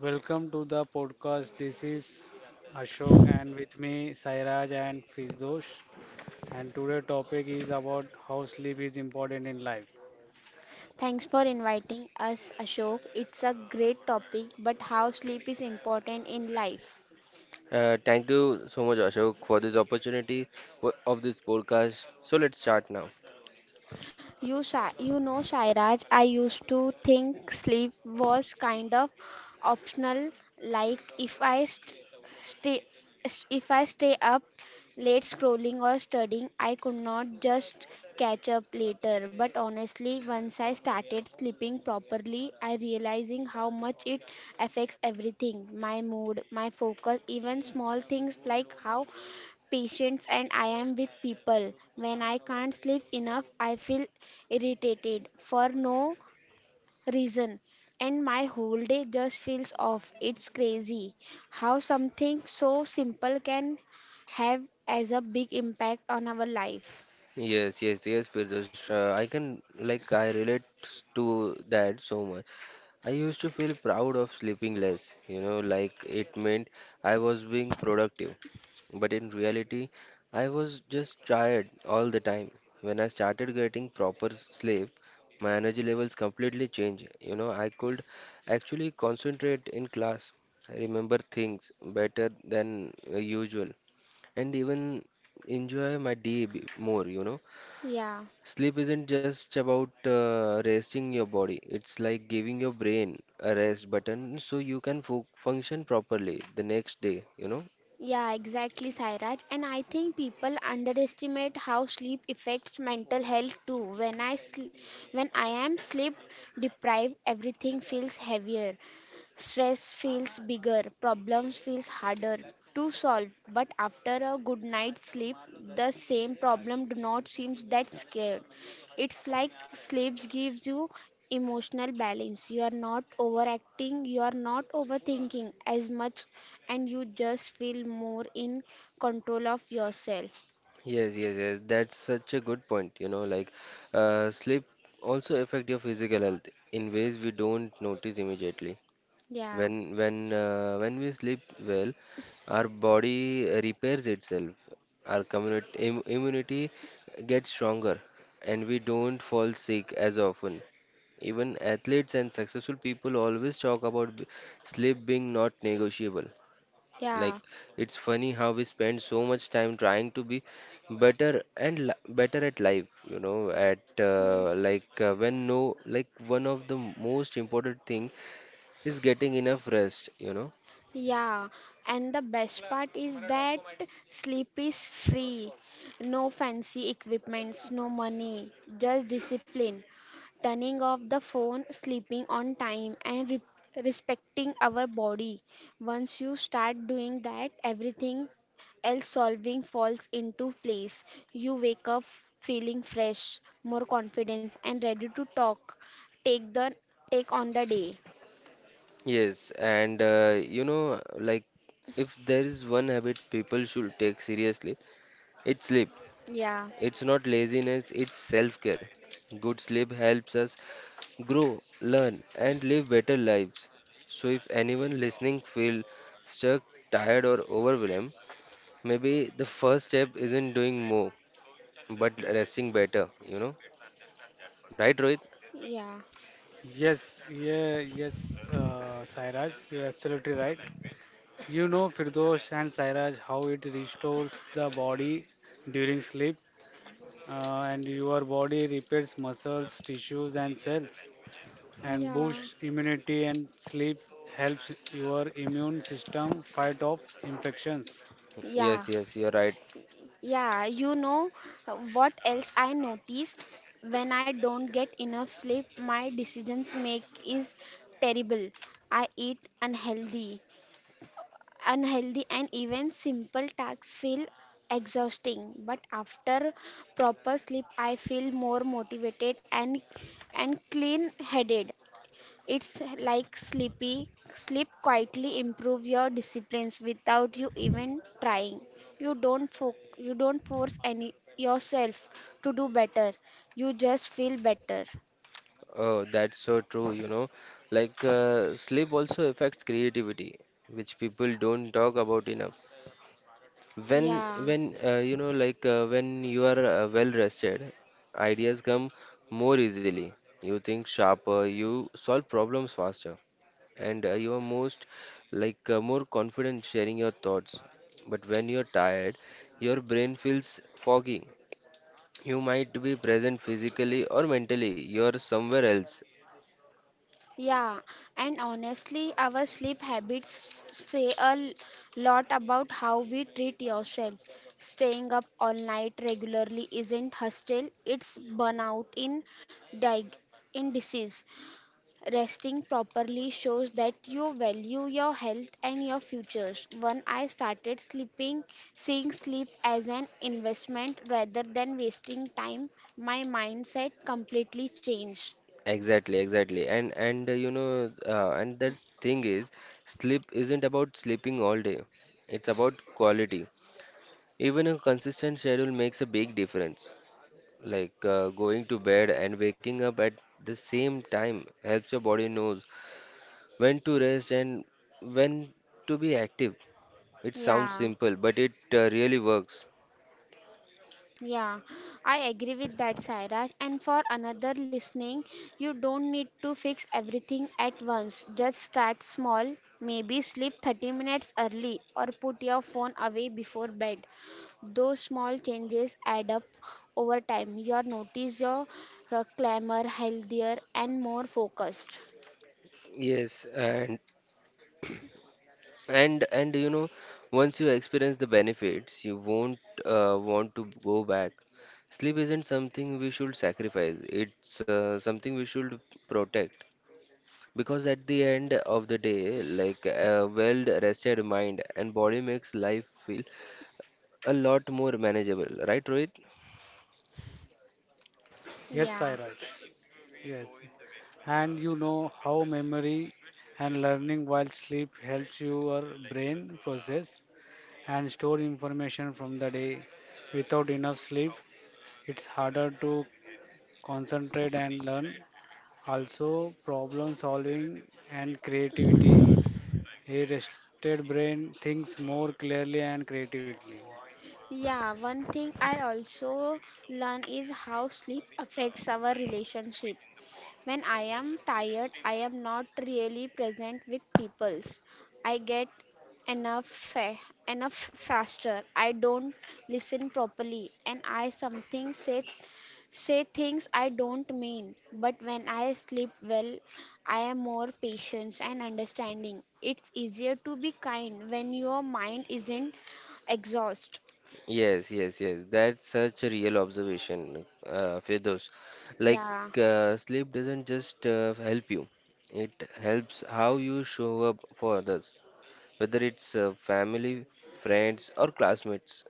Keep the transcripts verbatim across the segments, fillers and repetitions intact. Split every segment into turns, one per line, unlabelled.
Welcome to the podcast. This is Ashok, and with me Sairaj and Fizdosh. And today topic is about how sleep is important in life.
Thanks for inviting us, Ashok. It's a great topic, but how sleep is important in life.
Uh, thank you so much, Ashok, for this opportunity for, of this podcast. So let's start now.
You, Shai, you know, Shairaj, I used to think sleep was kind of optional. Like if I st- stay, st- if I stay up late scrolling or studying, I could not just catch up later. But honestly, once I started sleeping properly, I realizing how much it affects everything, my mood, my focus, even small things like how patience and I am with people. When I can't sleep enough, I feel irritated for no reason and my whole day just feels off. It's crazy how something so simple can have as a big impact on our life.
Yes, yes, yes, Firdaus. Uh, I can like I relate to that so much. I used to feel proud of sleeping less, you know, like it meant I was being productive. But in reality, I was just tired all the time. When I started getting proper sleep, my energy levels completely changed. You know, I could actually concentrate in class, remember things better than uh, usual, and even enjoy my day b- more, you know.
Yeah,
Sleep isn't just about uh, resting your body, it's like giving your brain a rest button so you can fo function properly the next day, you know?
yeah, exactly, Sairaj. And I think people underestimate how sleep affects mental health too. When I sl- when I am sleep deprived, everything feels heavier. Stress feels bigger, problems feels harder to solve, but after a good night's sleep, the same problem do not seems that scared. It's like sleep gives you emotional balance. You are not overacting, you are not overthinking as much, and you just feel more in control of yourself.
Yes, yes, yes. That's such a good point, you know, like uh, sleep also affect your physical health in ways we don't notice immediately.
Yeah,
When when uh, when we sleep well, our body repairs itself. Our community im immunity gets stronger, and we don't fall sick as often. Even athletes and successful people always talk about b- sleep being not negotiable. Like
yeah.
it's funny how we spend so much time trying to be better and li better at life, you know, at uh, like uh, when no like one of the most important thing He's getting enough rest, you know.
Yeah, and the best part is that sleep is free. No fancy equipments, no money, just discipline. Turning off the phone, sleeping on time, and re respecting our body. Once you start doing that, everything else solving falls into place. You wake up feeling fresh, more confident, and ready to talk. Take the take on the day.
Yes, and uh, you know, like if there is one habit people should take seriously, it's sleep.
Yeah,
It's not laziness, it's self-care. Good sleep helps us grow, learn, and live better lives. So if anyone listening feel stuck, tired, or overwhelmed, maybe the first step isn't doing more, but resting better, you know. Right, Rohit?
yeah,
Yes, yeah, yes, uh, Sairaj, you're absolutely right. You know, Firdosh and Sairaj, how it restores the body during sleep, uh, and your body repairs muscles, tissues, and cells. And
yeah.
boosts immunity, and sleep helps your immune system fight off infections.
Yeah,
Yes, yes, you're right.
yeah, you know uh, what else I noticed? When I don't get enough sleep, my decisions make is terrible. I eat unhealthy, unhealthy and even simple tasks feel exhausting. But after proper sleep, I feel more motivated and and clean-headed. It's like sleepy. Sleep quietly improve your disciplines without you even trying. You don't fo- you don't force any yourself to do better. You just feel better.
Oh, that's so true, you know. Like, uh, sleep also affects creativity, which people don't talk about enough. When,
Yeah,
when, uh, you know, like, uh, when you are uh, well rested, ideas come more easily. You think sharper, you solve problems faster, and uh, you are most, like, uh, more confident sharing your thoughts. But when you're tired, your brain feels foggy. You might be present physically or mentally, you're somewhere else.
yeah, and honestly, our sleep habits say a l- lot about how we treat yourself. Staying up all night regularly isn't hostile, it's burnout in dig in disease. Resting properly shows that you value your health and your futures. When I started sleeping, seeing sleep as an investment rather than wasting time, my mindset completely changed.
Exactly, exactly. And and uh, you know, uh, and the thing is, sleep isn't about sleeping all day. It's about quality. Even a consistent schedule makes a big difference. Like uh, going to bed and waking up at the same time helps your body knows when to rest and when to be active. It sounds
Yeah.
simple, but it uh, really works.
Yeah, I agree with that, Sairaj. And for another listening, you don't need to fix everything at once. Just start small. Maybe sleep 30 minutes early or put your phone away before bed. Those small changes add up over time. You'll notice your uh, clamor healthier and more focused.
Yes, and And and you know, once you experience the benefits, you won't uh, want to go back. Sleep isn't something we should sacrifice. It's uh, something we should protect. Because at the end of the day, like a well-rested mind and body makes life feel a lot more manageable, right, Rohit?
Yes,
Yeah.
Sairaj. Yes. And you know how memory and learning while sleep helps your brain process and store information from the day. Without enough sleep, it's harder to concentrate and learn. Also, problem solving and creativity. A rested brain thinks more clearly and creatively.
Yeah, one thing I also learn is how sleep affects our relationship. When I am tired, I am not really present with peoples. I get enough fa- enough faster. I don't listen properly and I something say say things I don't mean. But when I sleep well, I am more patient and understanding. It's easier to be kind when your mind isn't exhausted.
Yes, yes, yes. That's such a real observation, uh, Firdaus. Like,
Yeah.
uh, sleep doesn't just uh, help you, it helps how you show up for others, whether it's uh, family, friends, or classmates.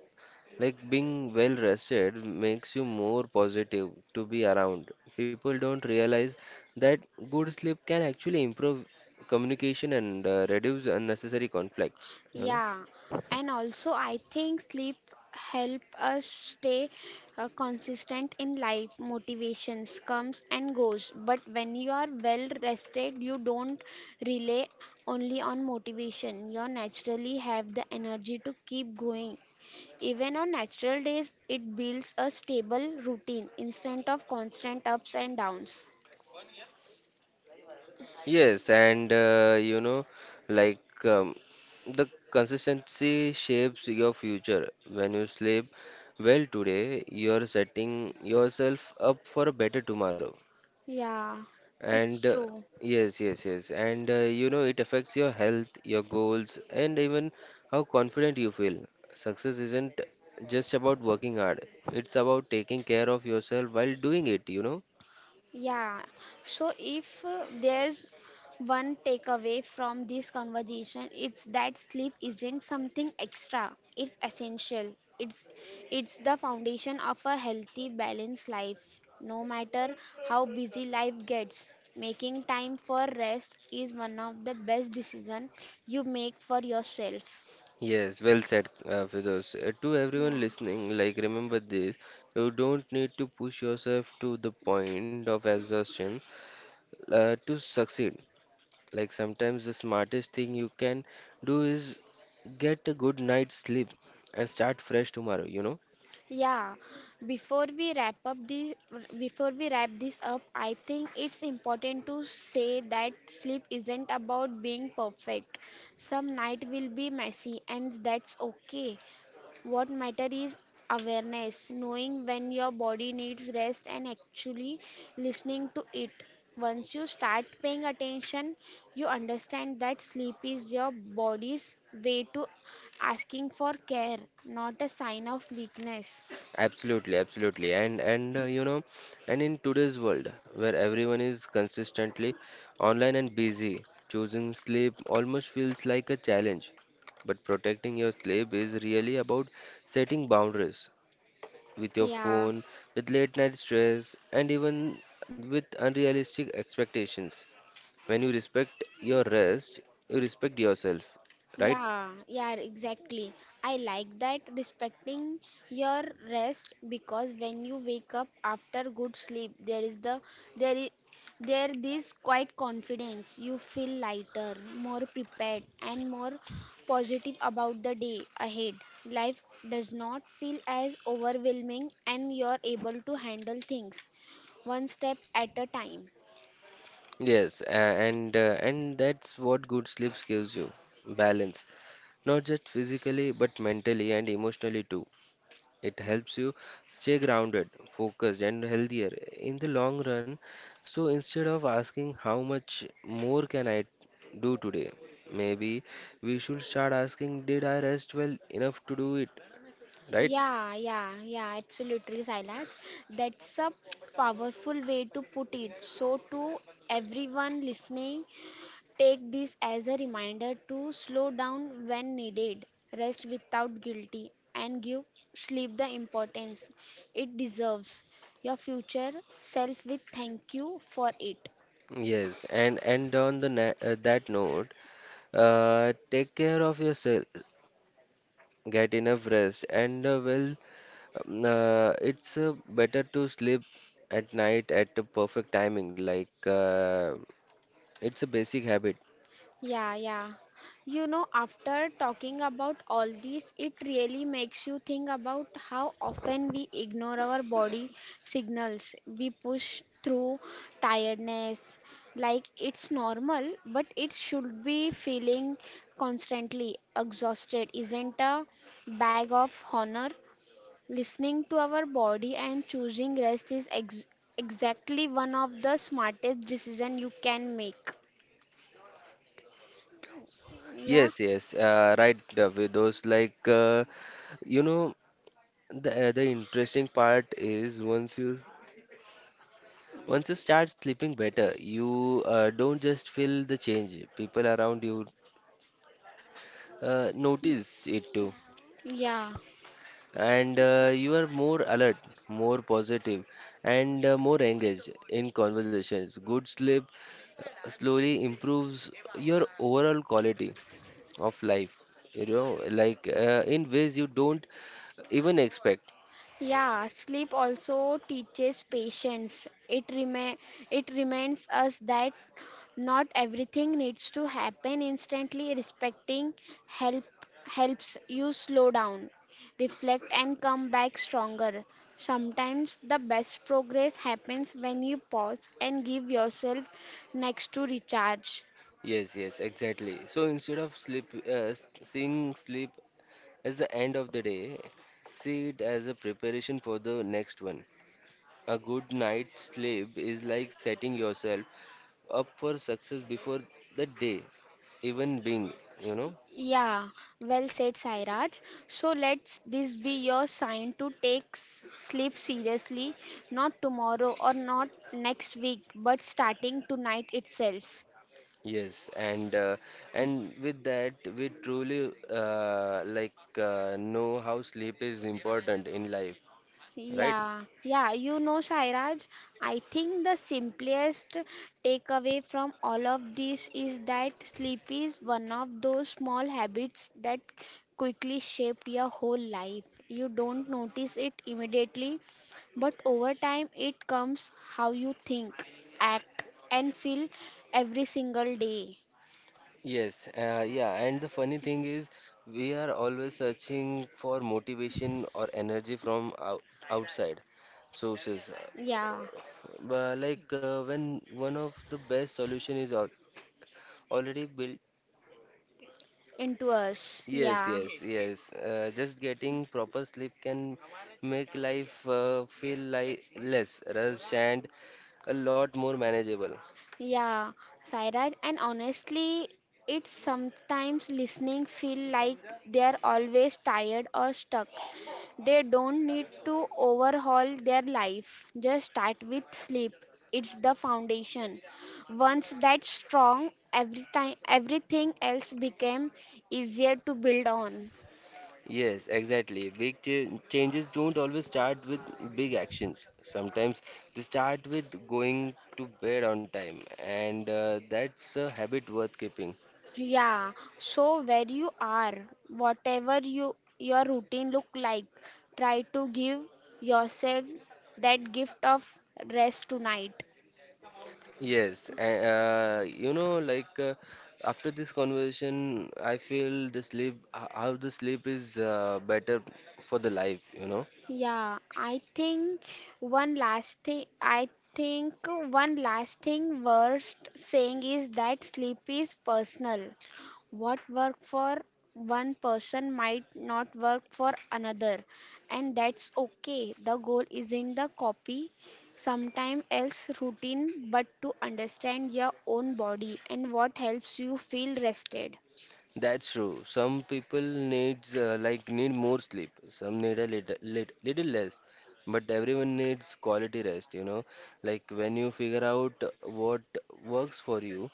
Like, being well rested makes you more positive to be around. People don't realize that good sleep can actually improve communication and uh, reduce unnecessary conflicts, you know.
Yeah, and also I think sleep help us stay uh, consistent in life. Motivations comes and goes, but when you are well rested, you don't rely only on motivation. You naturally have the energy to keep going. Even on natural days, it builds a stable routine instead of constant ups and downs.
Yes, and uh, you know, like um, the consistency shapes your future. When you sleep well today, you're setting yourself up for a better tomorrow.
Yeah, it's
And uh,
true.
Yes, yes, yes. And uh, you know, it affects your health, your goals, and even how confident you feel. Success isn't just about working hard, it's about taking care of yourself while doing it, you know.
Yeah. So if uh, there's one takeaway from this conversation, it's that sleep isn't something extra. It's essential. It's it's the foundation of a healthy, balanced life. No matter how busy life gets, making time for rest is one of the best decisions you make for yourself.
Yes, well said, uh, Firdaus. Uh, to
Yeah.
everyone listening, like remember this, you don't need to push yourself to the point of exhaustion uh, to succeed. Like sometimes the smartest thing you can do is get a good night's sleep and start fresh tomorrow, you know?
Yeah, before we wrap up this, before we wrap this up, I think it's important to say that sleep isn't about being perfect. Some night will be messy, and that's okay. What matter is awareness, knowing when your body needs rest, and actually listening to it. Once you start paying attention, you understand that sleep is your body's way to asking for care, not a sign of weakness.
Absolutely, absolutely. And and uh, you know, and in today's world where everyone is consistently online and busy, choosing sleep almost feels like a challenge. But protecting your sleep is really about setting boundaries with your
Yeah,
phone, with late night stress, and even with unrealistic expectations. When you respect your rest, you respect yourself, right?
yeah, yeah, exactly. I like that respecting your rest because when you wake up after good sleep, there is the there is there this quite confidence. You feel lighter, more prepared, and more positive about the day ahead. Life does not feel as overwhelming, and you're able to handle things one step at a time.
Yes, uh, and uh, and that's what good sleep gives you, balance. Not just physically, but mentally and emotionally too. It helps you stay grounded, focused, and healthier in the long run. So instead of asking how much more can I do today, maybe we should start asking, did I rest well enough to do it? Right?
Yeah, yeah, yeah, absolutely, Sailaj. That's a powerful way to put it. So, to everyone listening, take this as a reminder to slow down when needed, rest without guilty, and give sleep the importance it deserves. Your future self will thank you for it.
Yes. And and on the na uh, That note, uh, take care of yourself, get enough rest, and uh, well Um, Uh, it's uh, better to sleep at night at the perfect timing. Like uh, it's a basic habit.
Yeah, yeah. You know, after talking about all this, it really makes you think about how often we ignore our body signals. We push through tiredness like it's normal, but it should be feeling constantly exhausted isn't a bag of honor. Listening to our body and choosing rest is ex exactly one of the smartest decisions you can make. Yeah,
Yes, yes, uh, right. uh, With those like uh, you know, the uh, the interesting part is once you s- once you start sleeping better, you uh, don't just feel the change. People around you uh, notice it too.
yeah.
And uh, you are more alert, more positive, and uh, more engaged in conversations. Good sleep uh, slowly improves your overall quality of life, you know, like uh, in ways you don't even expect.
Yeah, sleep also teaches patience. It rema it reminds us that not everything needs to happen instantly. Respecting help helps you slow down, reflect and come back stronger. Sometimes the best progress happens when you pause and give yourself next to recharge.
Yes, yes, exactly. So instead of sleep, uh, s- seeing sleep as the end of the day, see it as a preparation for the next one. A good night's sleep is like setting yourself up for success before the day even being, you know.
Yeah, well said, Sairaj. So let's this be your sign to take s- sleep seriously, not tomorrow or not next week, but starting tonight itself.
Yes, and uh, and with that we truly uh, like uh, know how sleep is important in life, right?
Yeah, yeah, you know, Sairaj, I think the simplest takeaway from all of this is that sleep is one of those small habits that quickly shape your whole life. You don't notice it immediately, but over time it comes how you think, act, and feel every single day.
Yes, uh, yeah, and the funny thing is we are always searching for motivation or energy from out outside sources. Uh,
Yeah,
but like uh, When one of the best solution is al already built.
into us.
Yes,
Yeah.
yes, yes. Uh, just getting proper sleep can make life uh, feel like less rushed and a lot more manageable.
Yeah, Sairaj, and honestly, it's sometimes listening feel like they're always tired or stuck. They don't need to overhaul their life. Just start with sleep. It's the foundation. Once that's strong, every time everything else became easier to build on.
Yes, exactly. Big ch changes don't always start with big actions. Sometimes they start with going to bed on time, and uh, that's a habit worth keeping.
Yeah, so where you are, whatever you your routine look like, try to give yourself that gift of rest tonight.
Yes, and uh, you know, like uh, after this conversation, I feel the sleep, h- how the sleep is uh, better for the life, you know.
Yeah, I think one last thing, I think one last thing worth saying is that sleep is personal. What work for one person might not work for another, and that's okay. The goal isn't the copy sometime else routine, but to understand your own body and what helps you feel rested.
That's true. Some people needs uh, like need more sleep. Some need a little, little, little less, but everyone needs quality rest, you know. Like when you figure out what works for you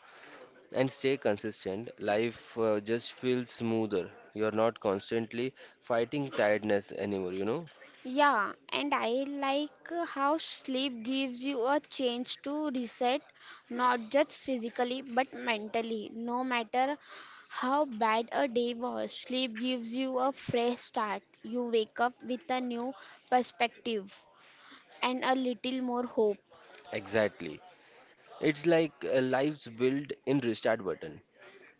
and stay consistent, life uh, just feels smoother. You're not constantly fighting tiredness anymore, you know.
Yeah, and I like how sleep gives you a chance to reset, not just physically but mentally. No matter how bad a day was, sleep gives you a fresh start. You wake up with a new perspective and a little more hope.
Exactly. It's like uh, life's built in restart button.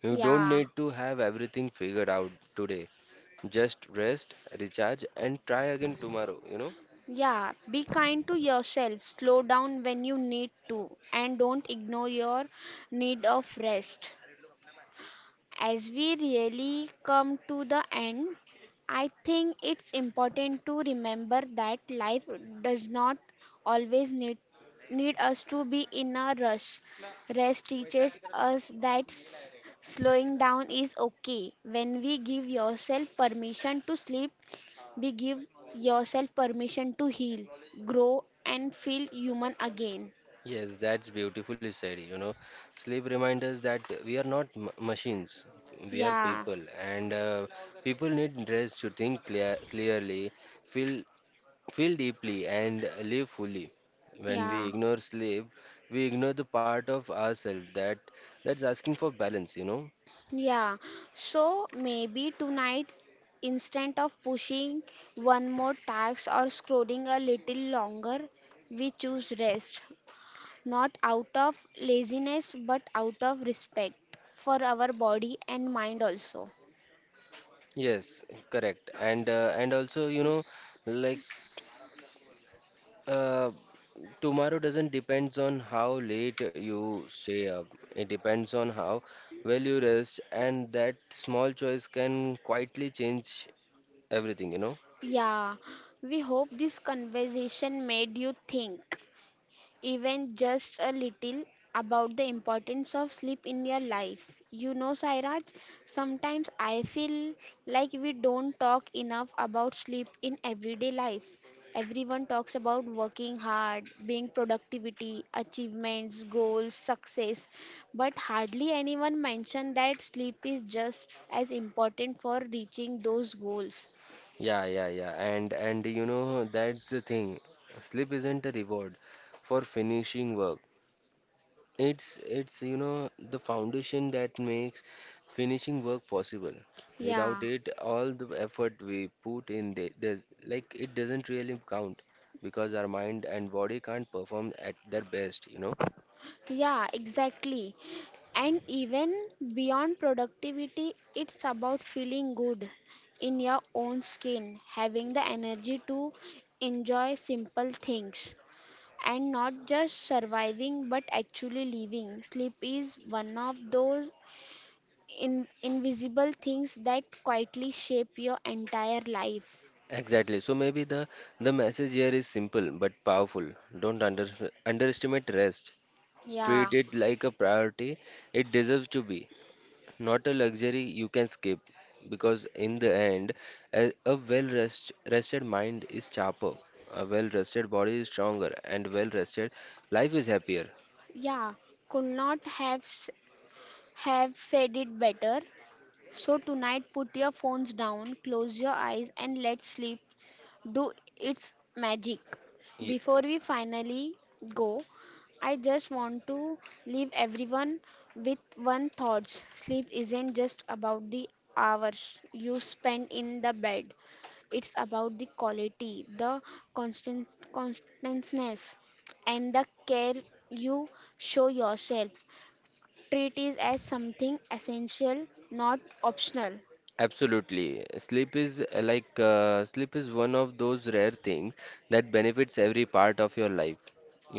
You don't
Yeah,
need to have everything figured out today. Just rest, recharge, and try again tomorrow, you know?
yeah. Be kind to yourself. Slow down when you need to, and don't ignore your need of rest. As we really come to the end, I think it's important to remember that life does not always need, need us to be in a rush. Rest teaches us that s- slowing down is okay. When we give yourself permission to sleep, we give yourself permission to heal, grow, and feel human again.
Yes, that's beautifully said, you know. Sleep reminds us that we are not m machines, we are
Yeah,
people, and uh, people need rest to think clear clearly, feel, feel deeply and live fully. When we
yeah.
ignore sleep, we ignore the part of ourselves that that's asking for balance, you know.
Yeah, so maybe tonight, instead of pushing one more task or scrolling a little longer, we choose rest. Not out of laziness, but out of respect for our body and mind also.
Yes, correct. And uh, and also, you know, like uh, tomorrow doesn't depends on how late you stay up. It depends on how well you rest, and that small choice can quietly change everything, you know.
Yeah, we hope this conversation made you think, even just a little about the importance of sleep in your life. You know, Sairaj, sometimes I feel like we don't talk enough about sleep in everyday life. Everyone talks about working hard, being productivity, achievements, goals, success, but hardly anyone mentioned that sleep is just as important for reaching those goals.
Yeah, yeah, yeah. And and you know that's the thing. Sleep isn't a reward for finishing work. It's it's you know the foundation that makes finishing work possible. Without
Yeah,
it, all the effort we put in the- there's like it doesn't really count because our mind and body can't perform at their best, you know.
yeah, exactly. And even beyond productivity, it's about feeling good in your own skin, having the energy to enjoy simple things and not just surviving but actually living. Sleep is one of those in- invisible things that quietly shape your entire life.
Exactly. So maybe the the message here is simple but powerful. Don't under underestimate rest.
Yeah.
Treat it like a priority. It deserves to be, not a luxury you can skip, because in the end a, a well rest, rested mind is sharper, a well rested body is stronger, and well rested life is happier.
Yeah, could not have s- have said it better. So tonight put your phones down, close your eyes and let's sleep do its magic. Before we
Yes,
finally go, I just want to leave everyone with one thought. Sleep isn't just about the hours you spend in the bed. It's about the quality, the constant constantness, and the care you show yourself. Treat it as something essential, not optional.
absolutely. Sleep is uh, like uh, sleep is one of those rare things that benefits every part of your life,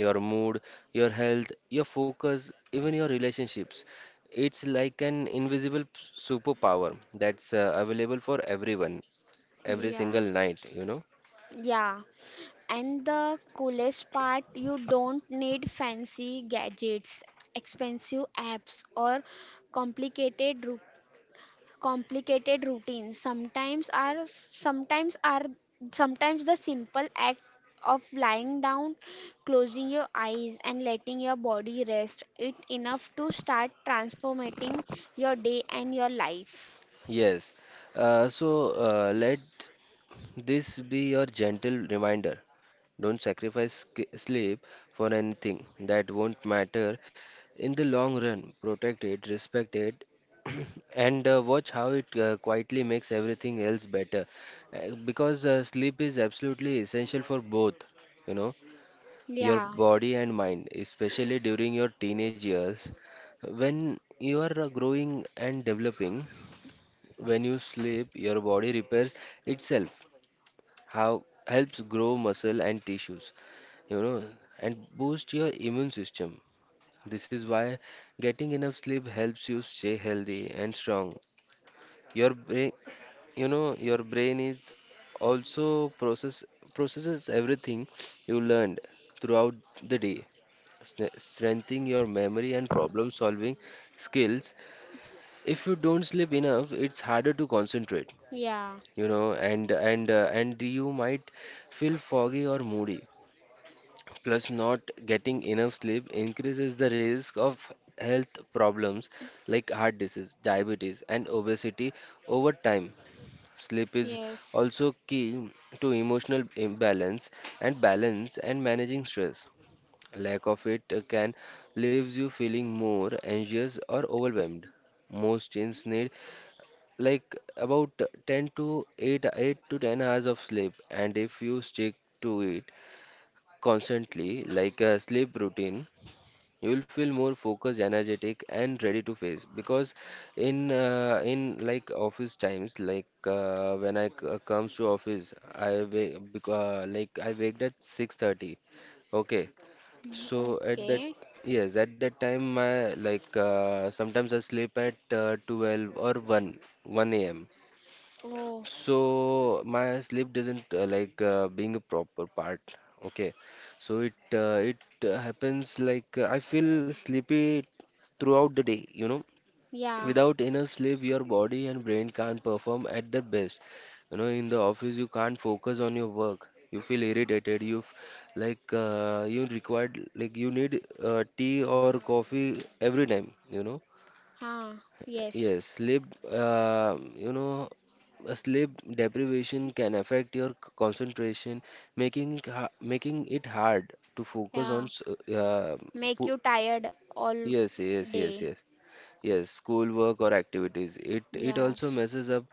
your mood, your health, your focus, even your relationships. It's like an invisible p- superpower that's uh, available for everyone every
Yeah.
single night, you know.
Yeah. And the coolest part, you don't need fancy gadgets, expensive apps, or complicated ru- complicated routines. Sometimes are sometimes are sometimes the simple act of lying down, closing your eyes, and letting your body rest it enough to start transforming your day and your life.
Yes. Uh, so uh, let this be your gentle reminder. Don't sacrifice sk- sleep for anything that won't matter in the long run. Protect it, respect it, and uh, watch how it uh, quietly makes everything else better. Uh, because uh, Sleep is absolutely essential for both, you know, your
Yeah,
body and mind, especially during your teenage years. When you are uh, growing and developing, when you sleep, your body repairs itself, how helps grow muscle and tissues, you know, and boost your immune system. This is why getting enough sleep helps you stay healthy and strong. Your brain, you know your brain is also process processes everything you learned throughout the day, stre- strengthening your memory and problem solving skills. If you don't sleep enough, it's harder to concentrate,
yeah,
you know. And and uh, and you might feel foggy or moody. Plus, not getting enough sleep increases the risk of health problems like heart disease, diabetes, and obesity over time. Sleep is
yes.
also key to emotional imbalance and balance and managing stress. Lack of it uh, can leaves you feeling more anxious or overwhelmed. Most teens need, like, about ten to 8, 8 to ten hours of sleep, and if you stick to it constantly, like a sleep routine, you will feel more focused, energetic, and ready to face, because in uh, in like office times, like, uh, when i c- uh, comes to office, i wake uh, like I waked at six thirty. Okay.
Mm,
So at that
okay.
yes, at that time my, like, uh, sometimes I sleep at uh, twelve or 1 1 a.m.
Oh,
So my sleep doesn't, uh, like uh, being a proper part. Okay, so it uh, it uh, happens, like, uh, I feel sleepy throughout the day. You know,
yeah.
without enough sleep, your body and brain can't perform at their best. You know, in the office, you can't focus on your work. You feel irritated. You f Like, uh, you required, like, you need uh, tea or coffee every time, you know.
Ah, yes.
Yes, sleep, uh, you know, uh, sleep deprivation can affect your c- concentration, making it ha- making it hard to focus on.
Yeah.
s- Uh,
Make
pu-
you tired all
yes, yes, yes,
day.
yes, yes. School work or activities. It it
Yeah.
also messes up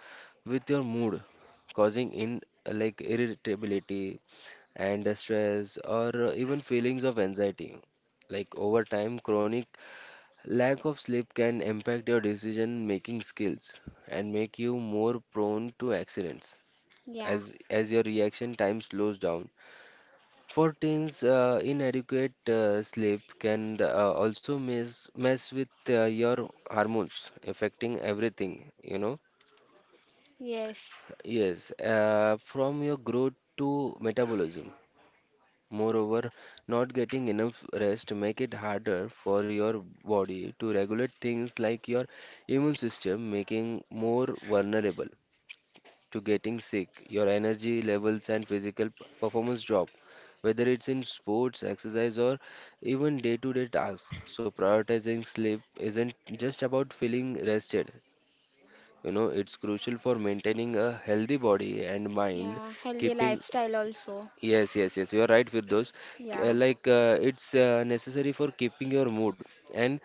with your mood, causing, in like, irritability and uh, stress or uh, even feelings of anxiety. Like, over time, chronic lack of sleep can impact your decision-making skills and make you more prone to accidents
Yeah.
as as your reaction time slows down. For teens, uh, inadequate uh, sleep can uh, also mess mess with uh, your hormones, affecting everything, you know.
Yes.
Yes, uh, from your growth to metabolism. Moreover, not getting enough rest make it harder for your body to regulate things like your immune system, making more vulnerable to getting sick. Your energy levels and physical p- performance drop, whether it's in sports, exercise, or even day-to-day tasks. So prioritizing sleep isn't just about feeling rested. You know, it's crucial for maintaining a healthy body and mind,
Yeah. Healthy
keeping.
lifestyle also.
Yes, yes, yes, you are right, Firdaus. K- uh,
Yeah.
Like, uh, it's uh, necessary for keeping your mood and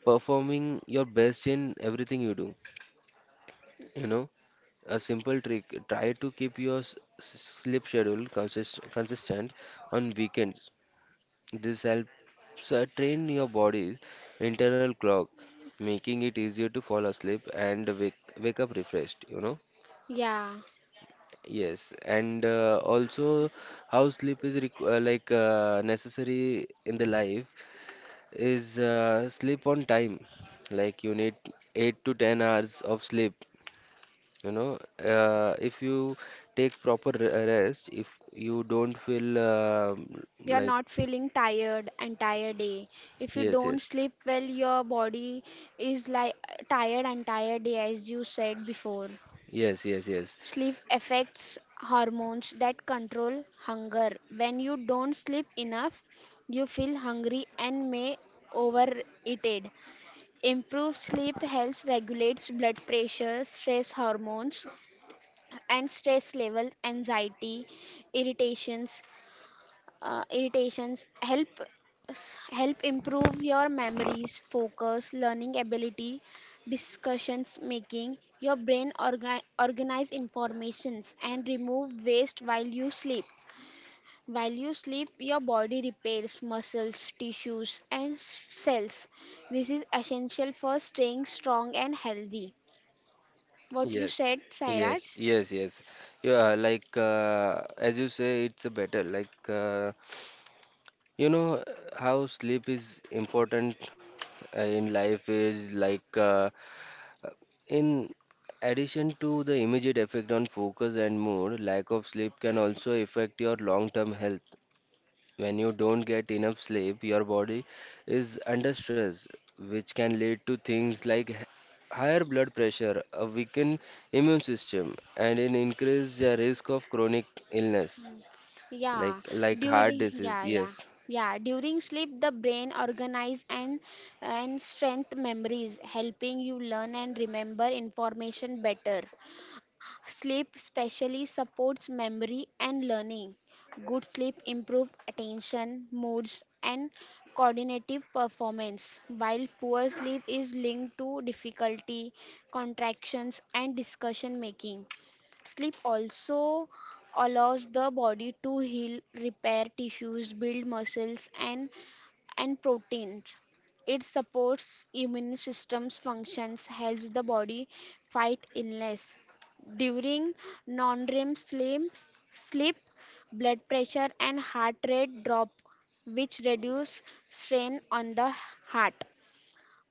performing your best in everything you do. You know, a simple trick: try to keep your s- s- sleep schedule consist consistent on weekends. This helps uh, train your body's internal clock, making it easier to fall asleep and wake wake up refreshed, you know.
Yeah.
Yes, and uh, also, how sleep is requ uh, like uh, necessary in the life is, uh, sleep on time. Like, you need eight to ten hours of sleep, you know. Uh, if you take proper re- rest, if you don't feel um
You're
like
not feeling tired entire day. If you
yes,
don't
yes,
sleep well, your body is like tired entire day, as you said before.
yes, yes, yes,
Sleep affects hormones that control hunger. When you don't sleep enough, you feel hungry and may overeat. Improved sleep helps regulates blood pressure, stress hormones, and stress levels, anxiety, irritations, uh, irritations help help improve your memories, focus, learning ability, discussions making. Your brain orga- organize informations and remove waste while you sleep. While you sleep, your body repairs muscles, tissues, and s- cells. This is essential for staying strong and healthy. What you
yes.
said, Sairaj?
Yes, yes, yes. Yeah, like, uh, as you say, it's a better, like, uh, you know, how sleep is important uh, in life is, like, uh, uh, in addition to the immediate effect on focus and mood, lack of sleep can also affect your long-term health. When you don't get enough sleep, your body is under stress, which can lead to things like h- higher blood pressure, a weakened immune system, and an increased uh, risk of chronic illness, like
Yeah,
like heart
during
disease.
yeah, yeah.
Yes.
Yeah, during sleep the brain organize and and strength memories, helping you learn and remember information better. Sleep specially supports memory and learning. Good sleep improves attention, moods, and cognitive performance, while poor sleep is linked to difficulty, contractions, and discussion making. Sleep also allows the body to heal, repair tissues, build muscles, and and proteins. It supports immune system's functions, helps the body fight illness. During non-R E M sleep, sleep, blood pressure and heart rate drop, which reduce strain on the heart.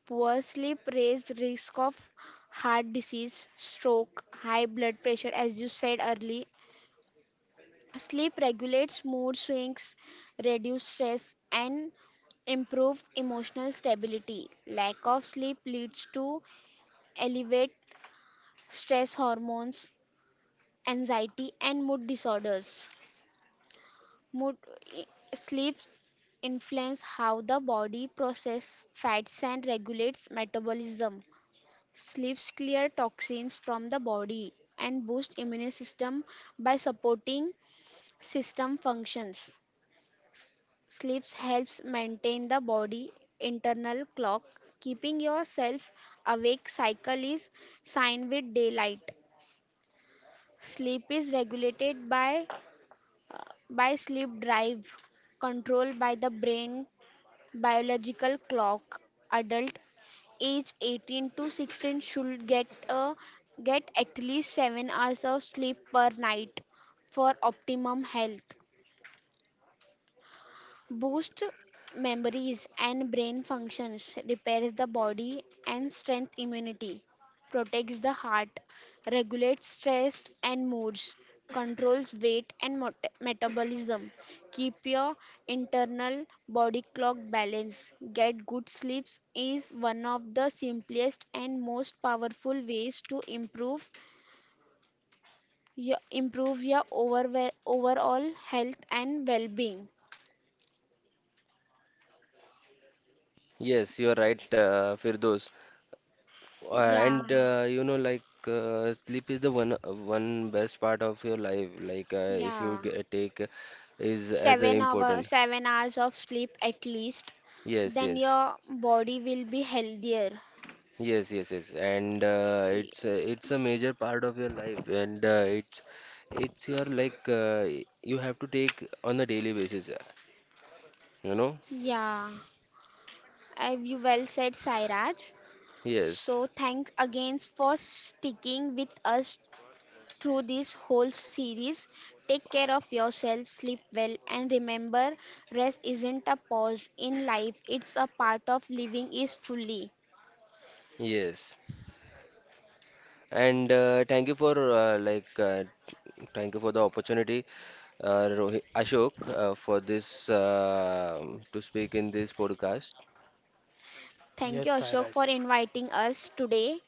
Poor sleep raise risk of heart disease, stroke, high blood pressure, as you said early. Sleep regulates mood swings, reduce stress, and improve emotional stability. Lack of sleep leads to elevated stress hormones, anxiety, and mood disorders. Mood sleep influence how the body processes fats and regulates metabolism. Sleeps clear toxins from the body and boost immune system by supporting system functions. Sleeps helps maintain the body internal clock. Keeping yourself awake cycle is sine with daylight. Sleep is regulated by by sleep drive, controlled by the brain biological clock. Adult age eighteen to sixteen should get a get at least seven hours of sleep per night for optimum health. Boosts memories and brain functions, repairs the body and strength immunity, protects the heart, regulates stress and moods, controls weight and mot- metabolism, keep your internal body clock balanced, get good sleeps is one of the simplest and most powerful ways to improve your, improve your overwe- overall health and well-being.
Yes, you are right, uh, Firdos. Uh,
Yeah,
and uh, you know, like, uh, sleep is the one one best part of your life. Like, uh, if you
yeah.
get, take, uh, is as a
seven hour
important.
seven hours of sleep at least
Yes,
then
yes,
your body will be healthier.
yes, yes, yes. And uh, it's
Y-
a, it's a major part of your life, and uh, it's it's your, like, uh, you have to take on a daily basis, uh, you know?
yeah Uh, you well said, Sairaj.
Yes,
So thank again for sticking with us through this whole series. Take care of yourself, sleep well, and remember, rest isn't a pause in life, it's a part of living is fully.
yes. And uh, thank you for uh, like uh, thank you for the opportunity, uh, Rohit, Ashok, uh, for this, uh, to speak in this podcast.
Thank
Yes,
you, Ashok, for
Sairaj.
inviting us today.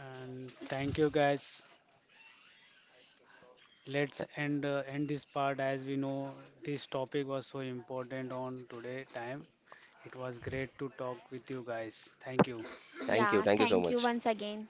And thank you guys. Let's end uh, end this part as we know this topic was so important on today time. It was great to talk with you guys. Thank you.
Thank you,
Yeah,
thank you so
thank you
much.
once again.